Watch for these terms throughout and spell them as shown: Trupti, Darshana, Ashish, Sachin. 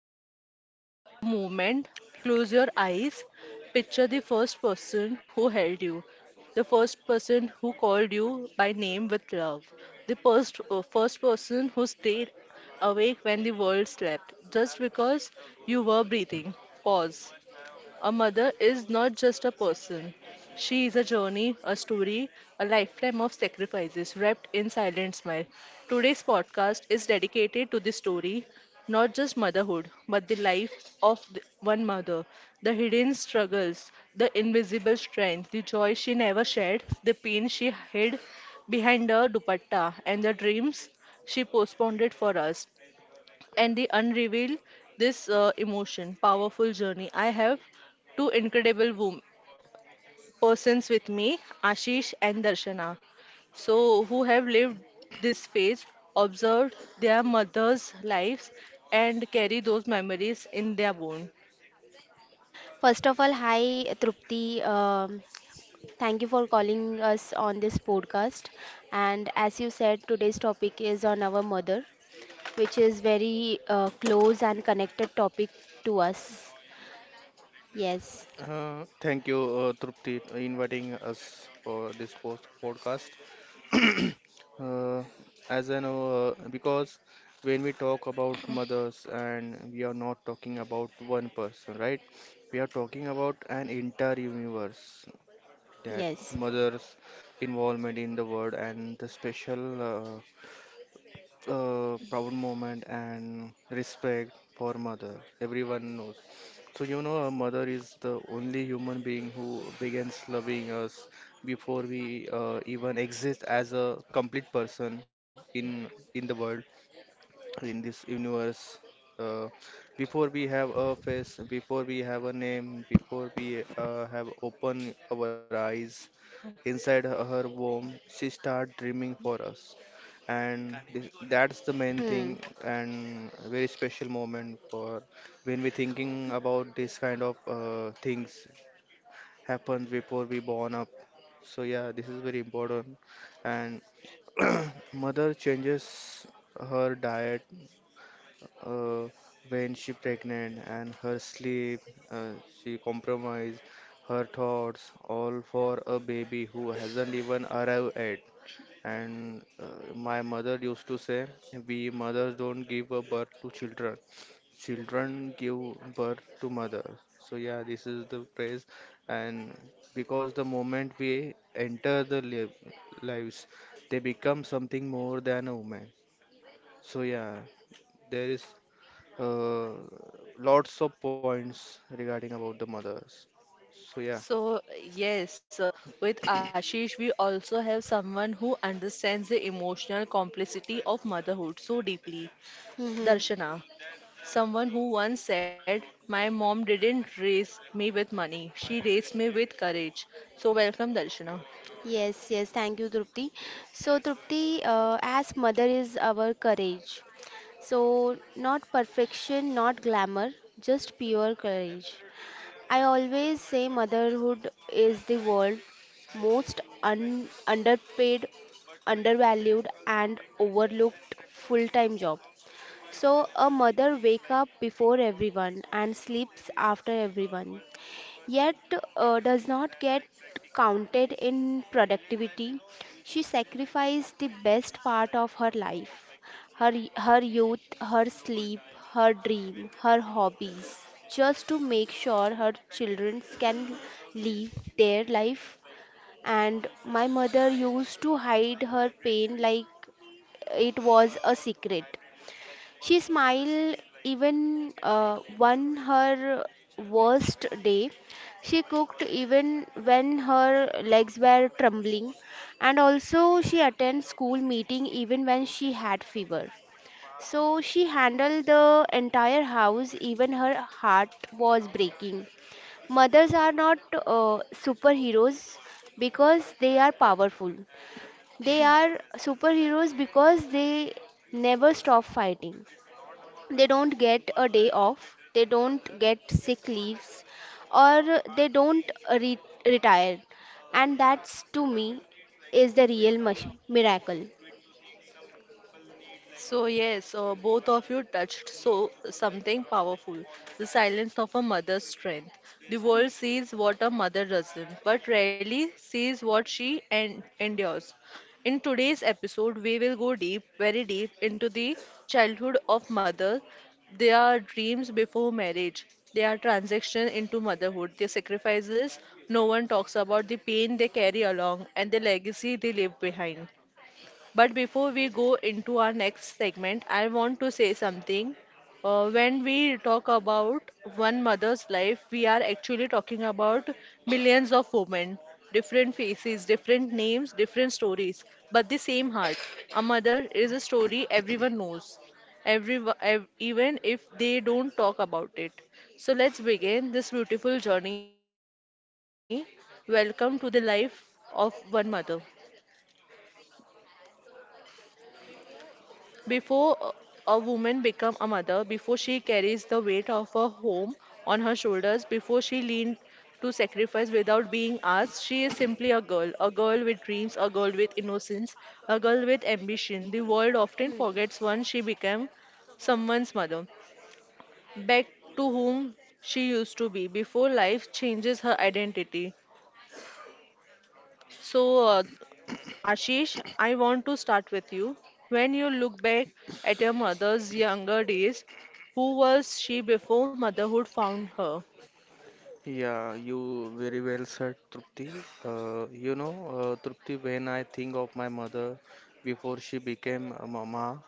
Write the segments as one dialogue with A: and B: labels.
A: conversation, let's take a moment, close your eyes, picture the first person who held you, the first person who called you by name with love, the first person who stayed awake when the world slept, just because you were breathing. Pause. A mother is not just a person. She is a journey, a story, a lifetime of sacrifices wrapped in silent smile. Today's podcast is dedicated to the story, not just motherhood, but the life of one mother, the hidden struggles, the invisible strength, the joy she never shared, the pain she hid behind her dupatta, and the dreams she postponed for us, and they unreveal this emotion powerful journey. I have two incredible persons with me, Ashish and Darshana, so who have lived this phase, observed their mothers lives, and carry those memories in their bone.
B: First of all, hi Trupti. Thank you for calling us on this podcast. And as you said, today's topic is on our mother, which is very close and connected topic to us. Yes,
C: Thank you, Trupti, inviting us for this post podcast. uh, as I know, because when we talk about mothers, and we are not talking about one person, right? We are talking about an entire universe that
B: yes.
C: mothers' involvement in the world and the special. Proud moment and respect for mother everyone knows, so you know a mother is the only human being who begins loving us before we even exist as a complete person in the world, in this universe. Uh, Before we have a face, before we have a name, before we have opened our eyes, inside her womb, she start dreaming for us, and this, that's the main
B: Hmm.
C: thing and a very special moment for when we thinking about this kind of things happens before we born up. So yeah, this is very important, and mother changes her diet uh, when she pregnant and her sleep, uh, she compromise her thoughts all for a baby who hasn't even arrived yet, and my mother used to say we mothers don't give a birth to children, children give birth to mother. So yeah, this is the phrase, and because the moment we enter the lives, they become something more than a woman. So yeah, there is uh, lots of points regarding about the mothers, so yeah.
A: So, yes, uh, with Ashish, we also have someone who understands the emotional complexity of motherhood so deeply,
B: Mm-hmm.
A: Darshana. Someone who once said, "My mom didn't raise me with money, she raised me with courage." So, welcome, Darshana.
B: Yes, yes. Thank you, Trupti. So, Trupti, as mother is our courage. So, not perfection, not glamour, just pure courage. I always say motherhood is the world's most underpaid, undervalued, and overlooked full time job. So, a mother wakes up before everyone and sleeps after everyone, yet does not get counted in productivity. She sacrificed the best part of her life, her youth, her sleep, her dream, her hobbies, just to make sure her children can live their life. And my mother used to hide her pain like it was a secret. She smiled even on her worst day. She cooked even when her legs were trembling, and also she attended school meeting even when she had fever. So she handled the entire house, even her heart was breaking. Mothers are not superheroes because they are powerful. They are superheroes because they never stop fighting. They don't get a day off, they don't get sick leaves, or they don't re- retire. And that's, to me, is the real miracle.
A: Both of you touched so something powerful, the silence of a mother's strength. The world sees what a mother doesn't, but rarely sees what she en endures. In today's episode, we will go deep, very deep, into the childhood of mother, their dreams before marriage, their transition into motherhood, their sacrifices no one talks about, the pain they carry along, and the legacy they leave behind. But before we go into our next segment, I want to say something. When we talk about one mother's life, we are actually talking about millions of women, different faces, different names, different stories, but the same heart. A mother is a story everyone knows, every, ev even if they don't talk about it. So let's begin this beautiful journey. Welcome to the life of one mother. Before a woman become a mother, before she carries the weight of her home on her shoulders, before she lean to sacrifice without being asked, she is simply a girl with dreams, a girl with innocence, a girl with ambition. The world often
B: Hmm.
A: forgets once she became someone's mother, back to whom she used to be before life changes her identity. So, uh, Ashish, I want to start with you. When you look back at your mother's younger days, who was she before motherhood found her?
C: Yeah, you very well said, Trupti. You know, Trupti, when I think of my mother before she became a mama,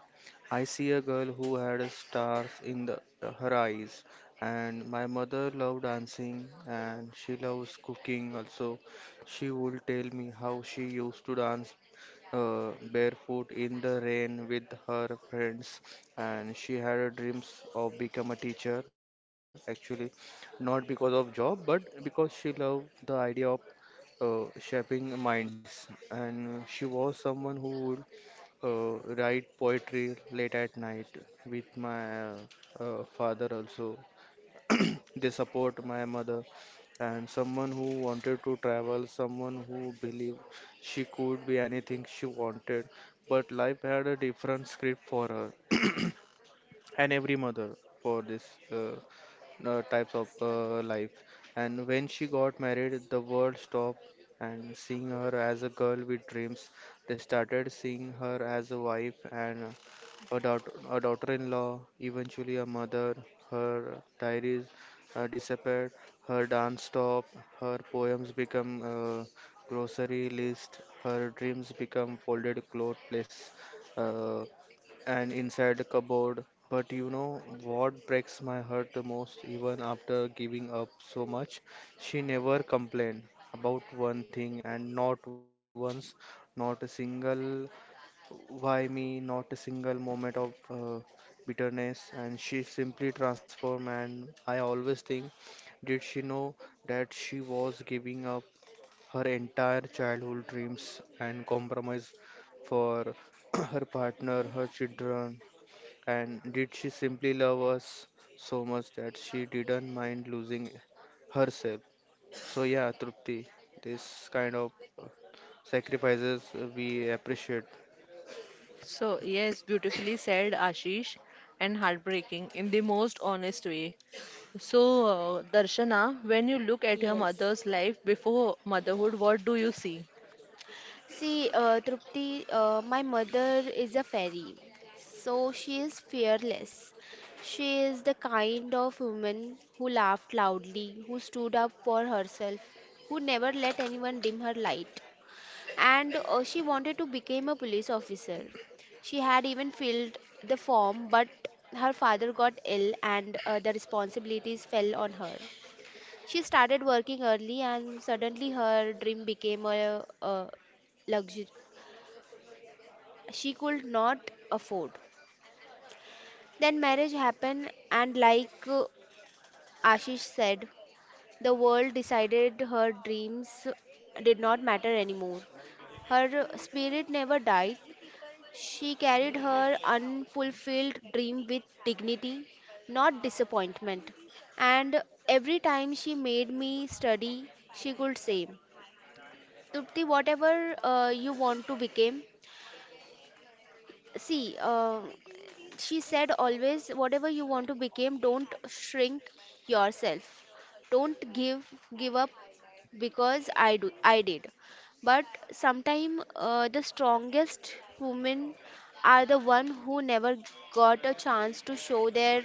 C: I see a girl who had stars in the, her eyes. And my mother loved dancing and she loves cooking also. She would tell me how she used to dance barefoot in the rain with her friends, and she had a dreams of become a teacher actually, not because of job, but because she loved the idea of shaping minds. And she was someone who would write poetry late at night with my father also. They support my mother, and someone who wanted to travel, someone who believed she could be anything she wanted. But life had a different script for her. And every mother for this. Uh, Types of life. And when she got married, the world stopped and seeing her as a girl with dreams. They started seeing her as a wife and a daughter, a daughter-in-law, eventually a mother. Her diaries disappeared, her dance stopped, her poems become grocery list, her dreams become folded cloth place. Uh, and inside the cupboard. But you know what breaks my heart the most, even after giving up so much? She never complained about one thing, and not once, not a single why me, not a single moment of bitterness. And she simply transformed, and I always think, did she know that she was giving up her entire childhood dreams and compromise for her partner, her children, and did she simply love us so much that she didn't mind losing herself? So, yeah, Trupti, this kind of uh, sacrifices we appreciate.
A: So, yes, beautifully said, Ashish, and heartbreaking in the most honest way. Darshana, when you look at your
B: Yes.
A: mother's life before motherhood, what do you see?
B: See, Trupti, my mother is a fairy, so she is fearless. She is the kind of woman who laughed loudly, who stood up for herself, who never let anyone dim her light. And she wanted to become a police officer. She had even filled the form, but her father got ill and the responsibilities fell on her. She started working early, and suddenly her dream became a luxury she could not afford. Then marriage happened, and like Ashish said, the world decided her dreams did not matter anymore. Her spirit never died. She carried her unfulfilled dream with dignity, not disappointment. And every time she made me study, she could say, "Trupti, whatever you want to become, see." She said always, "Whatever you want to become, don't shrink yourself. Don't give up, because I did." But sometimes the strongest women are the one who never got a chance to show their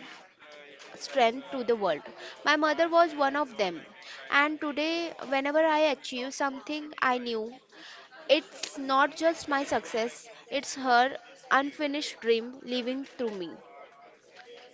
B: strength to the world. My mother was one of them. And today, whenever I achieve something, I knew it's not just my success, it's her unfinished dream living through me.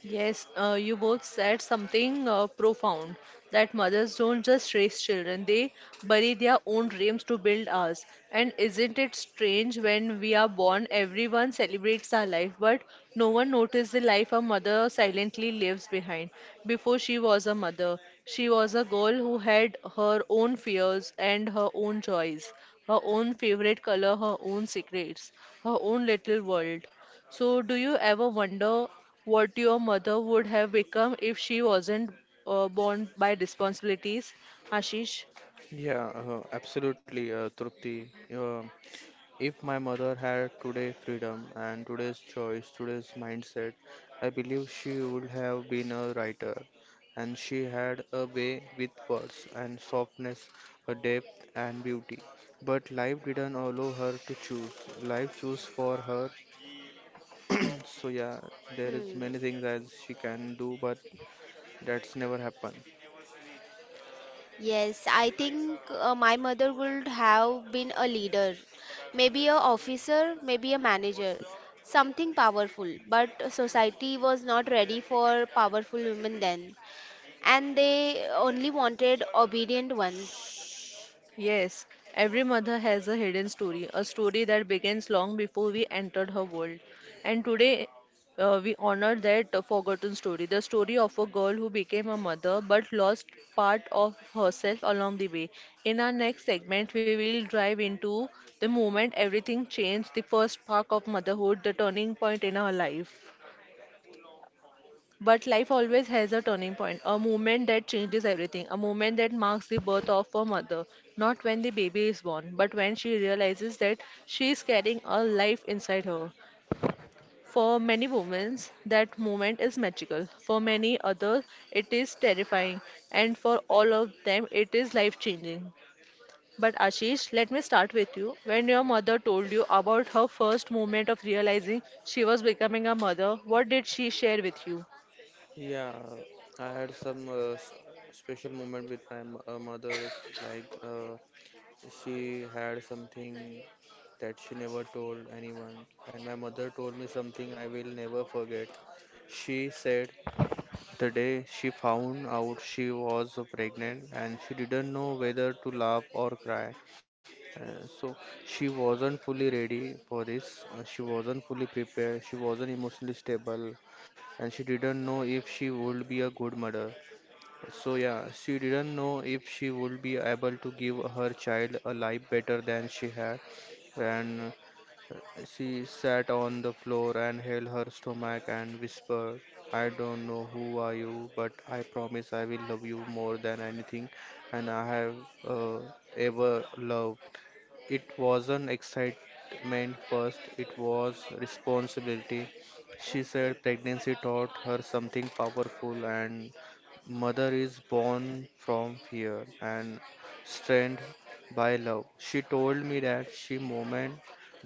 A: Yes, you both said something profound, that mothers don't just raise children, they bury their own dreams to build ours. And isn't it strange when we are born, everyone celebrates our life, but no one notices the life a mother silently leaves behind. Before she was a mother, she was a girl who had her own fears and her own joys, her own favorite color, her own secrets, her own little world. So, do you ever wonder what your mother would have become if she wasn't borne by responsibilities, Ashish?
C: Yeah, absolutely, Trupti. If my mother had today freedom and today's choice, today's mindset, I believe she would have been a writer. And she had a way with words and softness, a depth and beauty. But life didn't allow her to choose. Life chose for her. So yeah, there is
B: Hmm.
C: many things as she can do, but that's never happened.
B: Yes, I think my mother would have been a leader, maybe a officer, maybe a manager, something powerful. But society was not ready for powerful women then, and they only wanted obedient ones.
A: Yes, every mother has a hidden story, a story that begins long before we entered her world. And today, we honor that forgotten story, the story of a girl who became a mother but lost part of herself along the way. In our next segment, we will dive into the moment everything changed, the first spark of motherhood, the turning point in our life. But life always has a turning point, a moment that changes everything, a moment that marks the birth of a mother. Not when the baby is born, but when she realizes that she is carrying a life inside her. For many women, that moment is magical. For many others, it is terrifying. And for all of them, it is life changing. But Ashish, let me start with you. When your mother told you about her first moment of realizing she was becoming a mother, what did she share with you?
C: Yeah, I had some special moment with my mother, like she had something that she never told anyone, and my mother told me something I will never forget. She said the day she found out she was pregnant and she didn't know whether to laugh or cry. So she wasn't fully ready for this. She wasn't fully prepared. She wasn't emotionally stable, and she didn't know if she would be a good mother. So yeah, she didn't know if she would be able to give her child a life better than she had, and she sat on the floor and held her stomach and whispered, I don't know who are you, but I promise I will love you more than anything and I have uh, ever loved. It wasn't excitement first, it was responsibility. She said pregnancy taught her something powerful, and mother is born from fear and strength by love. She told me that she moment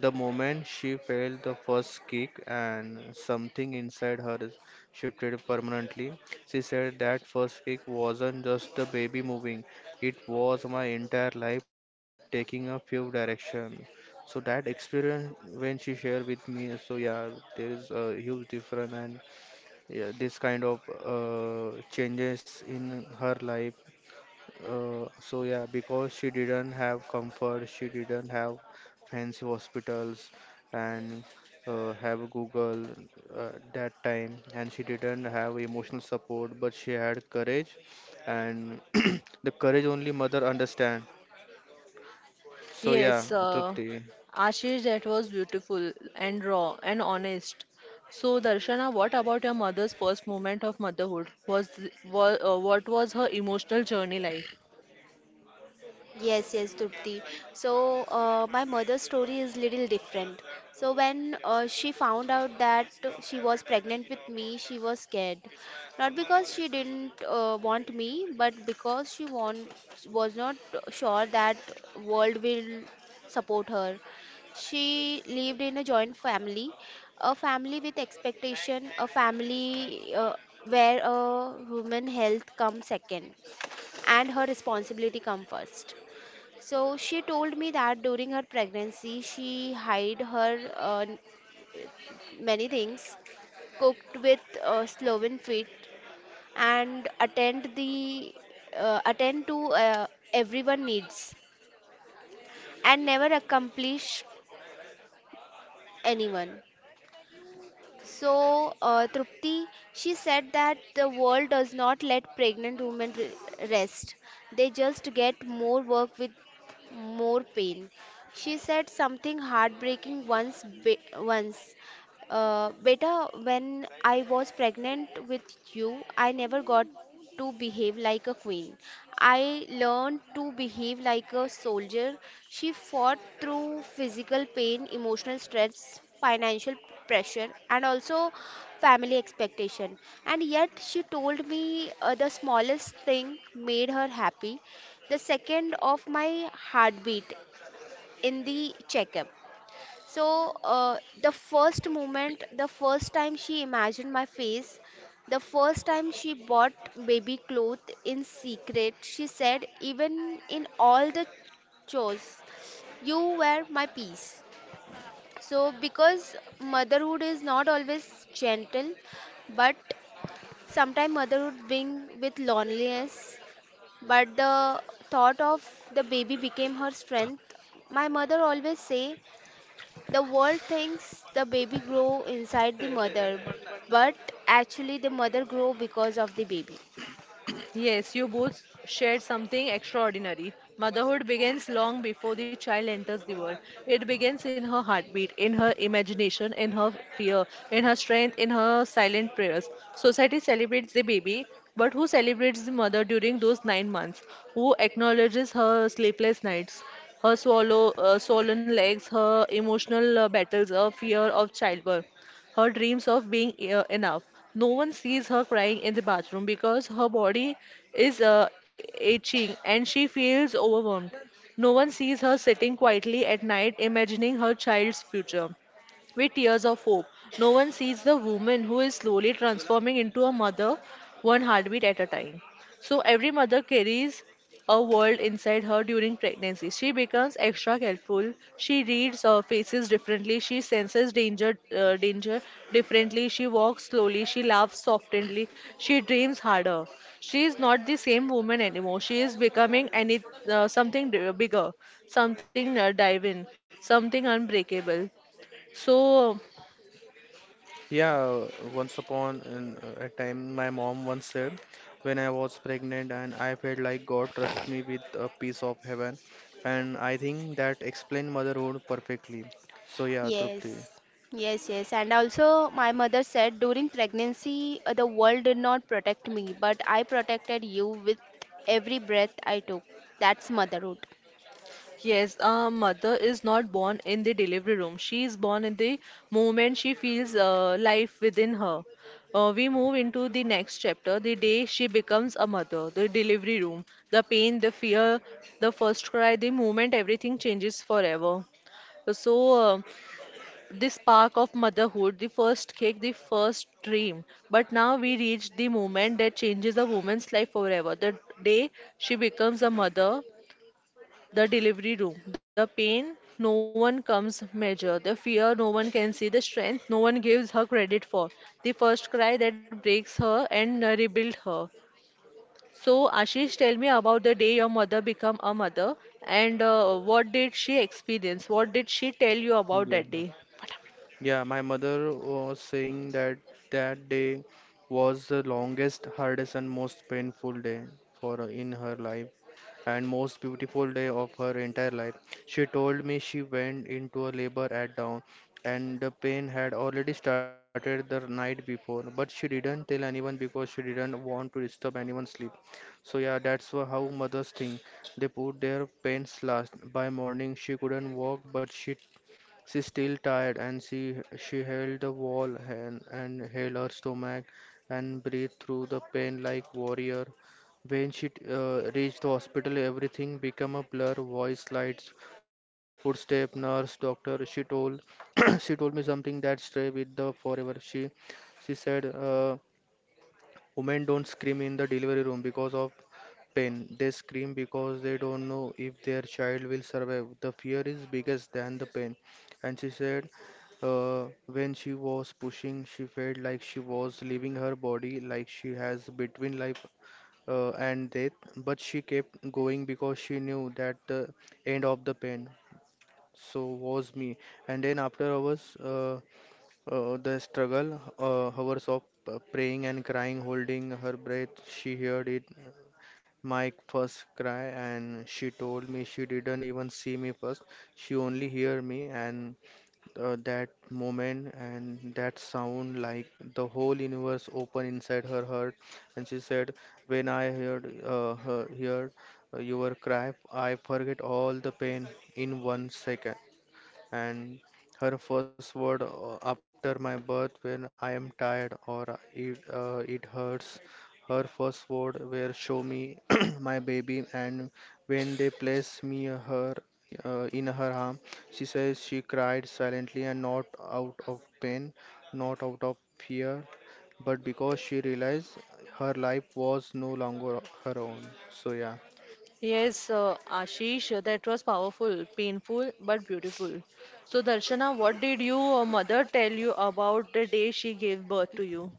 C: the moment she felt the first kick and something inside her shifted permanently. She said that first kick wasn't just the baby moving, it was my entire life taking a few direction. So that experience when she shared with me, so yeah, there is a huge difference, and yeah, this kind of changes in her life, so yeah, because she didn't have comfort, she didn't have fancy hospitals and have Google that time, and she didn't have emotional support, but she had courage, and the courage only mother understand. So yeah,
A: Yes,
C: Trupti.
A: Ashish, that was beautiful and raw and honest. So, Darshana, what about your mother's first moment of motherhood? Was what was her emotional journey like?
B: Yes, yes, Trupti. So, my mother's story is little different. So, when she found out that she was pregnant with me, she was scared. Not because she didn't want me, but because was not sure that world will support her. She lived in a joint family, a family with expectation, a family where human health comes second and her responsibility come first. So she told me that during her pregnancy, she hid her many things, cooked with Sloven feet, and attend to everyone needs, and never accomplish anyone. So, Trupti, she said that the world does not let pregnant women rest. They just get more work with more pain. She said something heartbreaking once. Once, beta, when I was pregnant with you, I never got to behave like a queen. I learned to behave like a soldier. She fought through physical pain, emotional stress, financial pressure, and also family expectation. And yet, she told me the smallest thing made her happy, the second of my heartbeat in the checkup. So, the first moment, the first time she imagined my face, the first time she bought baby clothes in secret, she said, "Even in all the chores, you were my peace." So, because motherhood is not always gentle, but sometimes motherhood brings with loneliness, but the thought of the baby became her strength. My mother always say the world thinks the baby grow inside the mother, but actually the mother grow because of the baby.
A: Yes, you both shared something extraordinary. Motherhood begins long before the child enters the world. It begins in her heartbeat, in her imagination, in her fear, in her strength, in her silent prayers. Society celebrates the baby, but who celebrates the mother during those 9 months? Who acknowledges her sleepless nights? Her swollen legs, her emotional battles, her fear of childbirth, her dreams of being enough. No one sees her crying in the bathroom because her body is itching and she feels overwhelmed. No one sees her sitting quietly at night imagining her child's future with tears of hope. No one sees the woman who is slowly transforming into a mother, one heartbeat at a time. So every mother carries a world inside her during pregnancy. She becomes extra careful. She reads faces differently. She senses danger differently. She walks slowly. She laughs softly. She dreams harder. She is not the same woman anymore. She is becoming any something bigger, something divine, something unbreakable. So
C: Yeah, once upon in, a time, my mom once said, when I was pregnant, and I felt like God trusted me with a piece of heaven, and I think that explained motherhood perfectly. So yeah,
B: Yes.
C: Trupti.
B: Yes, yes. And also my mother said, during pregnancy the world did not protect me, but I protected you with every breath I took. That's motherhood.
A: yes, a mother is not born in the delivery room. She is born in the moment she feels life within her. We move into the next chapter, the day she becomes a mother, the delivery room, the pain, the fear, the first cry, the moment everything changes forever. So, uh, the spark of motherhood, the first kick, the first dream. But now we reach the moment that changes a woman's life forever. The day she becomes a mother, the delivery room, the pain no one comes measure, the fear no one can see, the strength no one gives her credit for, the first cry that breaks her and rebuilds her. So Ashish, tell me about the day your mother became a mother, and what did she experience? What did she tell you about
C: Yeah.
A: that day?
C: Yeah, my mother was saying that that day was the longest, hardest, and most painful day for her in her life, and most beautiful day of her entire life. She told me she went into a labor at dawn, and the pain had already started the night before, but she didn't tell anyone because she didn't want to disturb anyone's sleep. So yeah, that's how mothers think. They put their pains last. By morning, she couldn't walk, but she still tired and she held the wall and held her stomach and breathed through the pain like warrior. When she reached the hospital, everything became a blur. Voice, lights, footstep, nurse, doctor. She told she told me something that stay with the forever. She said. Women don't scream in the delivery room because of pain. They scream because they don't know if their child will survive. The fear is biggest than the pain. And she said, when she was pushing, she felt like she was leaving her body, like she has between life and death. But she kept going because she knew that the end of the pain. So was me. And then after hours, the struggle, hours of praying and crying, holding her breath, she heard it. My first cry, and she told me she didn't even see me first. She only hear me, and that moment and that sound, like the whole universe open inside her heart. And she said, "When I heard your cry, I forget all the pain in 1 second." And her first word after my birth when I am tired or it hurts. Her first word were show me my baby, and when they place me her in her arm, she says she cried silently and not out of pain, not out of fear, but because she realized her life was no longer her own. So yeah.
A: Yes, Ashish, that was powerful, painful, but beautiful. So, Darshana, what did your mother tell you about the day she gave birth to you?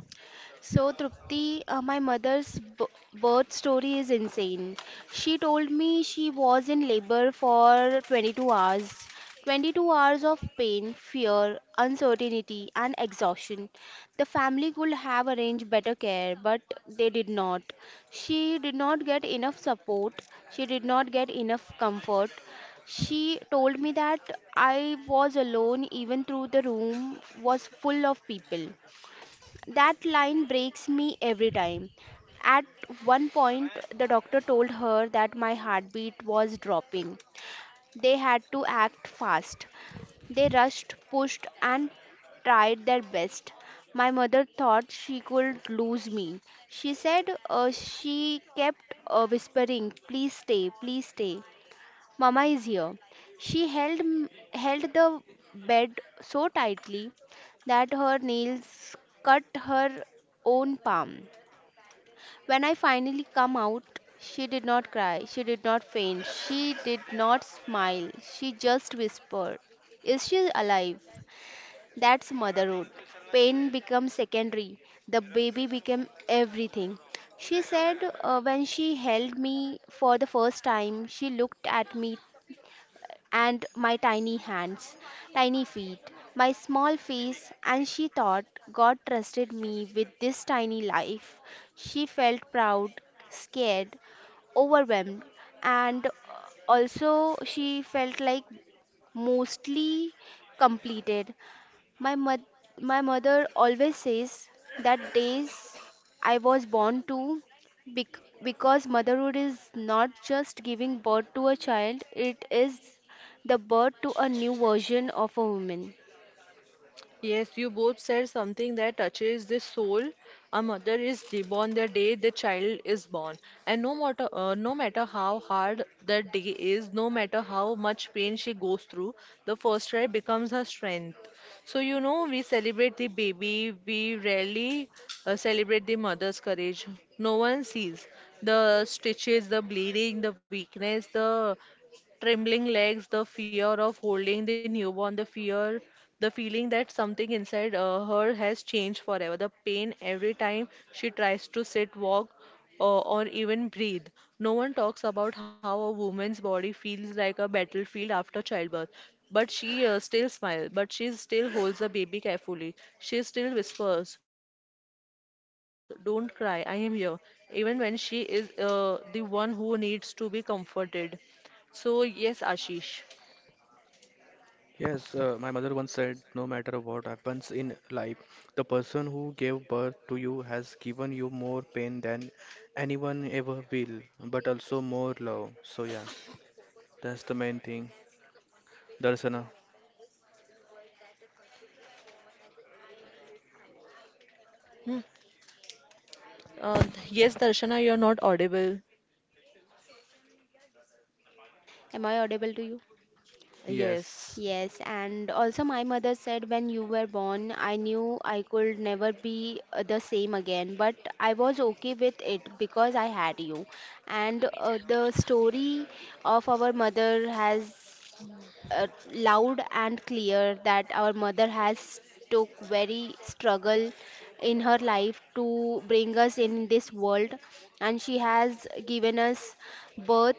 B: So, Trupti, my mother's birth story is insane. She told me she was in labor for 22 hours. 22 hours of pain, fear, uncertainty, and exhaustion. The family could have arranged better care, but they did not. She did not get enough support. She did not get enough comfort. She told me that I was alone, even though the room was full of people. That line breaks me every time. At one point, the doctor told her that my heartbeat was dropping. They had to act fast. They rushed, pushed, and tried their best. My mother thought she could lose me. She said she kept whispering, "Please stay, please stay. Mama is here." She held the bed so tightly that her nails cut her own palm. When I finally come out, she did not cry, she did not faint, she did not smile, she just whispered, "Is she alive?" That's motherhood. Pain becomes secondary, the baby became everything. She said when she held me for the first time, she looked at me and my tiny hands, tiny feet, my small face, and she thought God trusted me with this tiny life. She felt proud, scared, overwhelmed, and also she felt like mostly completed. My mother, my mother always says that days I was born to because motherhood is not just giving birth to a child, it is the birth to a new version of a woman.
A: Yes, you both said something that touches the soul. A mother is reborn the day the child is born, and no matter how hard that day is, no matter how much pain she goes through, the first try becomes her strength. So you know, we celebrate the baby, we rarely celebrate the mother's courage. No one sees the stitches, the bleeding, the weakness, the trembling legs, the fear of holding the newborn, the fear, the feeling that something inside her has changed forever, the pain every time she tries to sit, walk, or even breathe. No one talks about how a woman's body feels like a battlefield after childbirth. But she still smiles, but she still holds the baby carefully. She still whispers, "Don't cry, I am here." Even when she is the one who needs to be comforted. So, yes, Ashish.
C: Yes, my mother once said, no matter what happens in life, the person who gave birth to you has given you more pain than anyone ever will, but also more love. So yeah, that's the main thing. Darshana.
A: Hmm. Uh, yes, Darshana, you're not audible.
B: Am I audible to you?
A: Yes.
C: Yes.
B: Yes, and also my mother said, when you were born, I knew I could never be the same again, but I was okay with it because I had you. And the story of our mother has loud and clear that our mother has took very struggle in her life to bring us in this world, and she has given us birth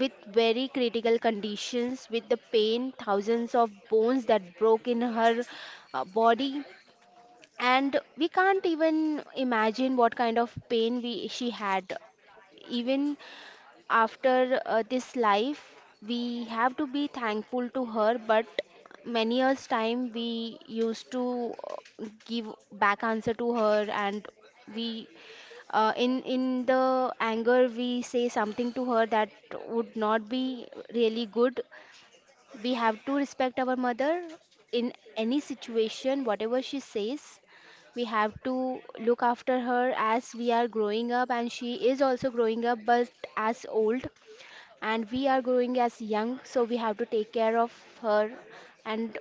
B: with very critical conditions, with the pain, thousands of bones that broke in her body. And we can't even imagine what kind of pain we she had. Even after this life, we have to be thankful to her. But many years time, we used to give back answer to her, and we in the anger we say something to her that would not be really good. We have to respect our mother in any situation, whatever she says. We have to look after her as we are growing up, and she is also growing up but as old, and we are growing as young, so we have to take care of her. And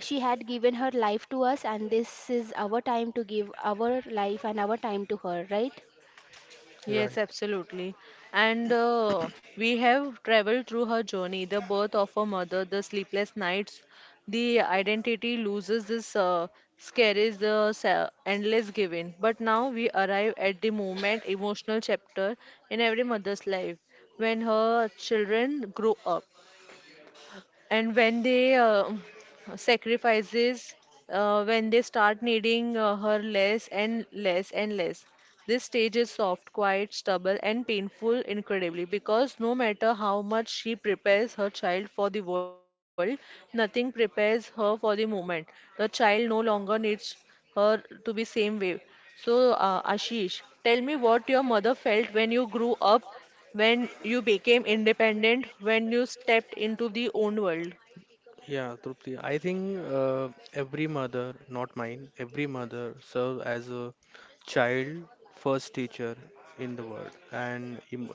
B: she had given her life to us, and this is our time to give our life and our time to her, right?
A: Yes,
C: Right.
A: absolutely. And we have traveled through her journey, the birth of her mother, the sleepless nights, the identity loses, this scares, the endless giving. But now we arrive at the moment, emotional chapter in every mother's life when her children grow up, and when they sacrifices when they start needing her less and less and less. This stage is soft, quiet, stubborn and painful incredibly, because no matter how much she prepares her child for the world, nothing prepares her for the moment the child no longer needs her to be same way. So ashish, tell me what your mother felt when you grew up, when you became independent, when you stepped into the own world.
C: Yeah, Trupti. I think every mother, not mine, every mother serves as a child first teacher in the world, and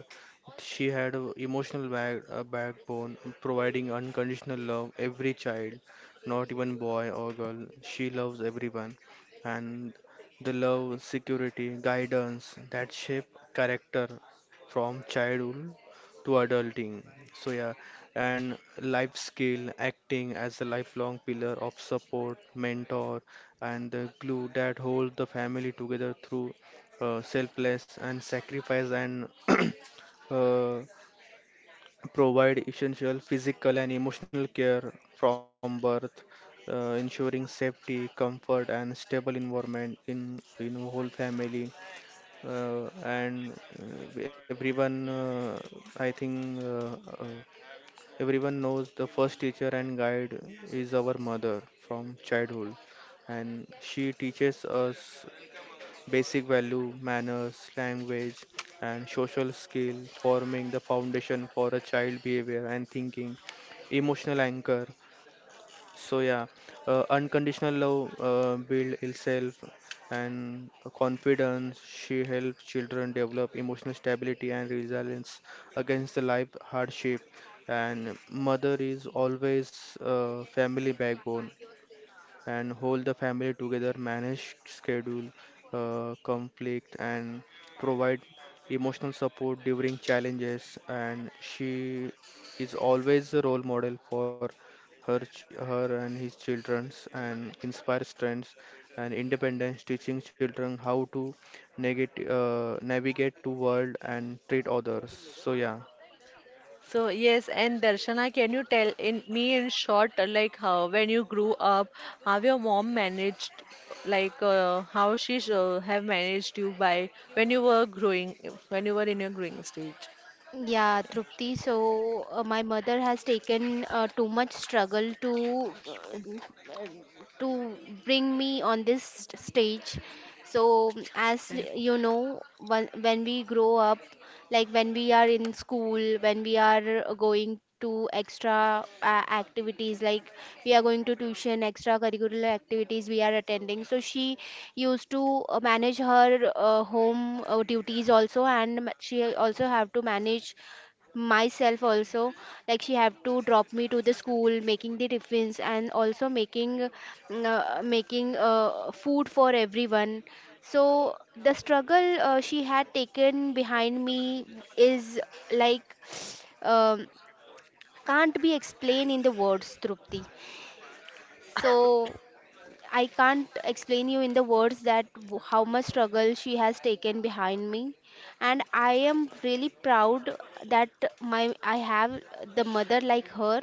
C: she had a emotional backbone, providing unconditional love every child, not even boy or girl. She loves everyone, and the love, security, guidance that shape character from childhood to adulting. So yeah, and life skill acting as a lifelong pillar of support mentor and the glue that hold the family together through selfless and sacrifice and uh, provide essential physical and emotional care from birth, ensuring safety comfort and stable environment in whole family, and everyone I think uh, everyone knows the first teacher and guide is our mother from childhood, and she teaches us basic value, manners, language, and social skill, forming the foundation for a child behavior and thinking, emotional anchor, so yeah, unconditional love build itself and confidence. She helps children develop emotional stability and resilience against the life hardship. And mother is always family backbone and hold the family together, manage schedule, conflict, and provide emotional support during challenges. And she is always a role model for her and his childrens, and inspires strength and independence, teaching children how to navigate to world and treat others. So yeah,
A: So yes, and Darshana, can you tell in me in short, like how when you grew up, how your mom managed, how she have managed you by when you were growing, when you were in your growing stage?
B: Yeah, Trupti. So my mother has taken too much struggle uh, to bring me on this stage. So, as you know, when we grow up, like when we are in school, when we are going to extra activities, like we are going to tuition, extra curricular activities we are attending, so she used to manage her home duties also, and she also have to manage myself also, like she have to drop me to the school, making the tiffins, and also making food for everyone. So the struggle she had taken behind me is like, um, can't be explained in the words, Trupti. So I can't explain you in the words that how much struggle she has taken behind me. And I am really proud that my I have the mother like her.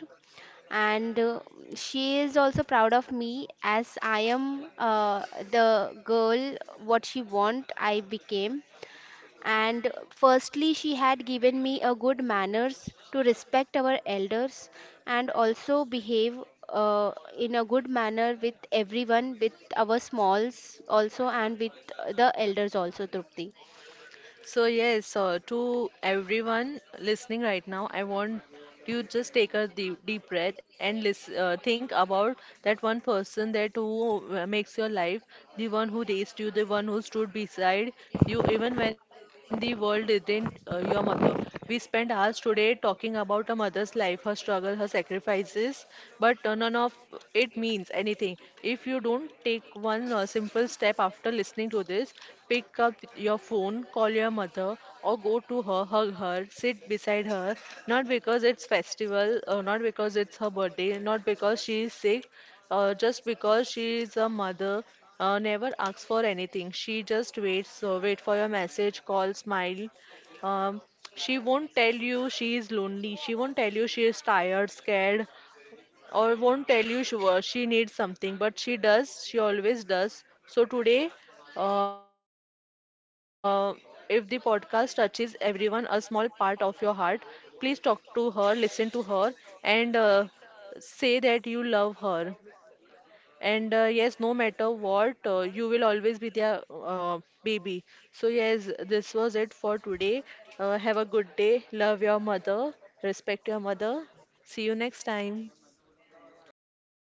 B: And she is also proud of me, as I am the girl what she want I became. And firstly, she had given me a good manners to respect our elders and also behave uh, in a good manner with everyone, with our smalls also, and with the elders also, Trupti.
A: To everyone listening right now, I want you just take a deep, deep breath and listen, think about that one person that who makes your life, the one who raised you, the one who stood beside you, even when the world didn't, your mother. We spent hours today talking about a mother's life, her struggle, her sacrifices, but none of it means anything. If you don't take one simple step after listening to this, pick up your phone, call your mother, or go to her, hug her, sit beside her, not because it's festival, not because it's her birthday, not because she is sick, just because she is a mother. Never asks for anything. She just wait for your message, call, smile. Um, she won't tell you she is lonely. She won't tell you she is tired, scared, or won't tell you she needs something, but she does, she always does. So today, uh, if the podcast touches everyone a small part of your heart, please talk to her, listen to her, and say that you love her. And Yes, no matter what, you will always be their baby. So yes, this was it for today. Uh, have a good day. Love your mother, respect your mother. See you next time.
C: thank you.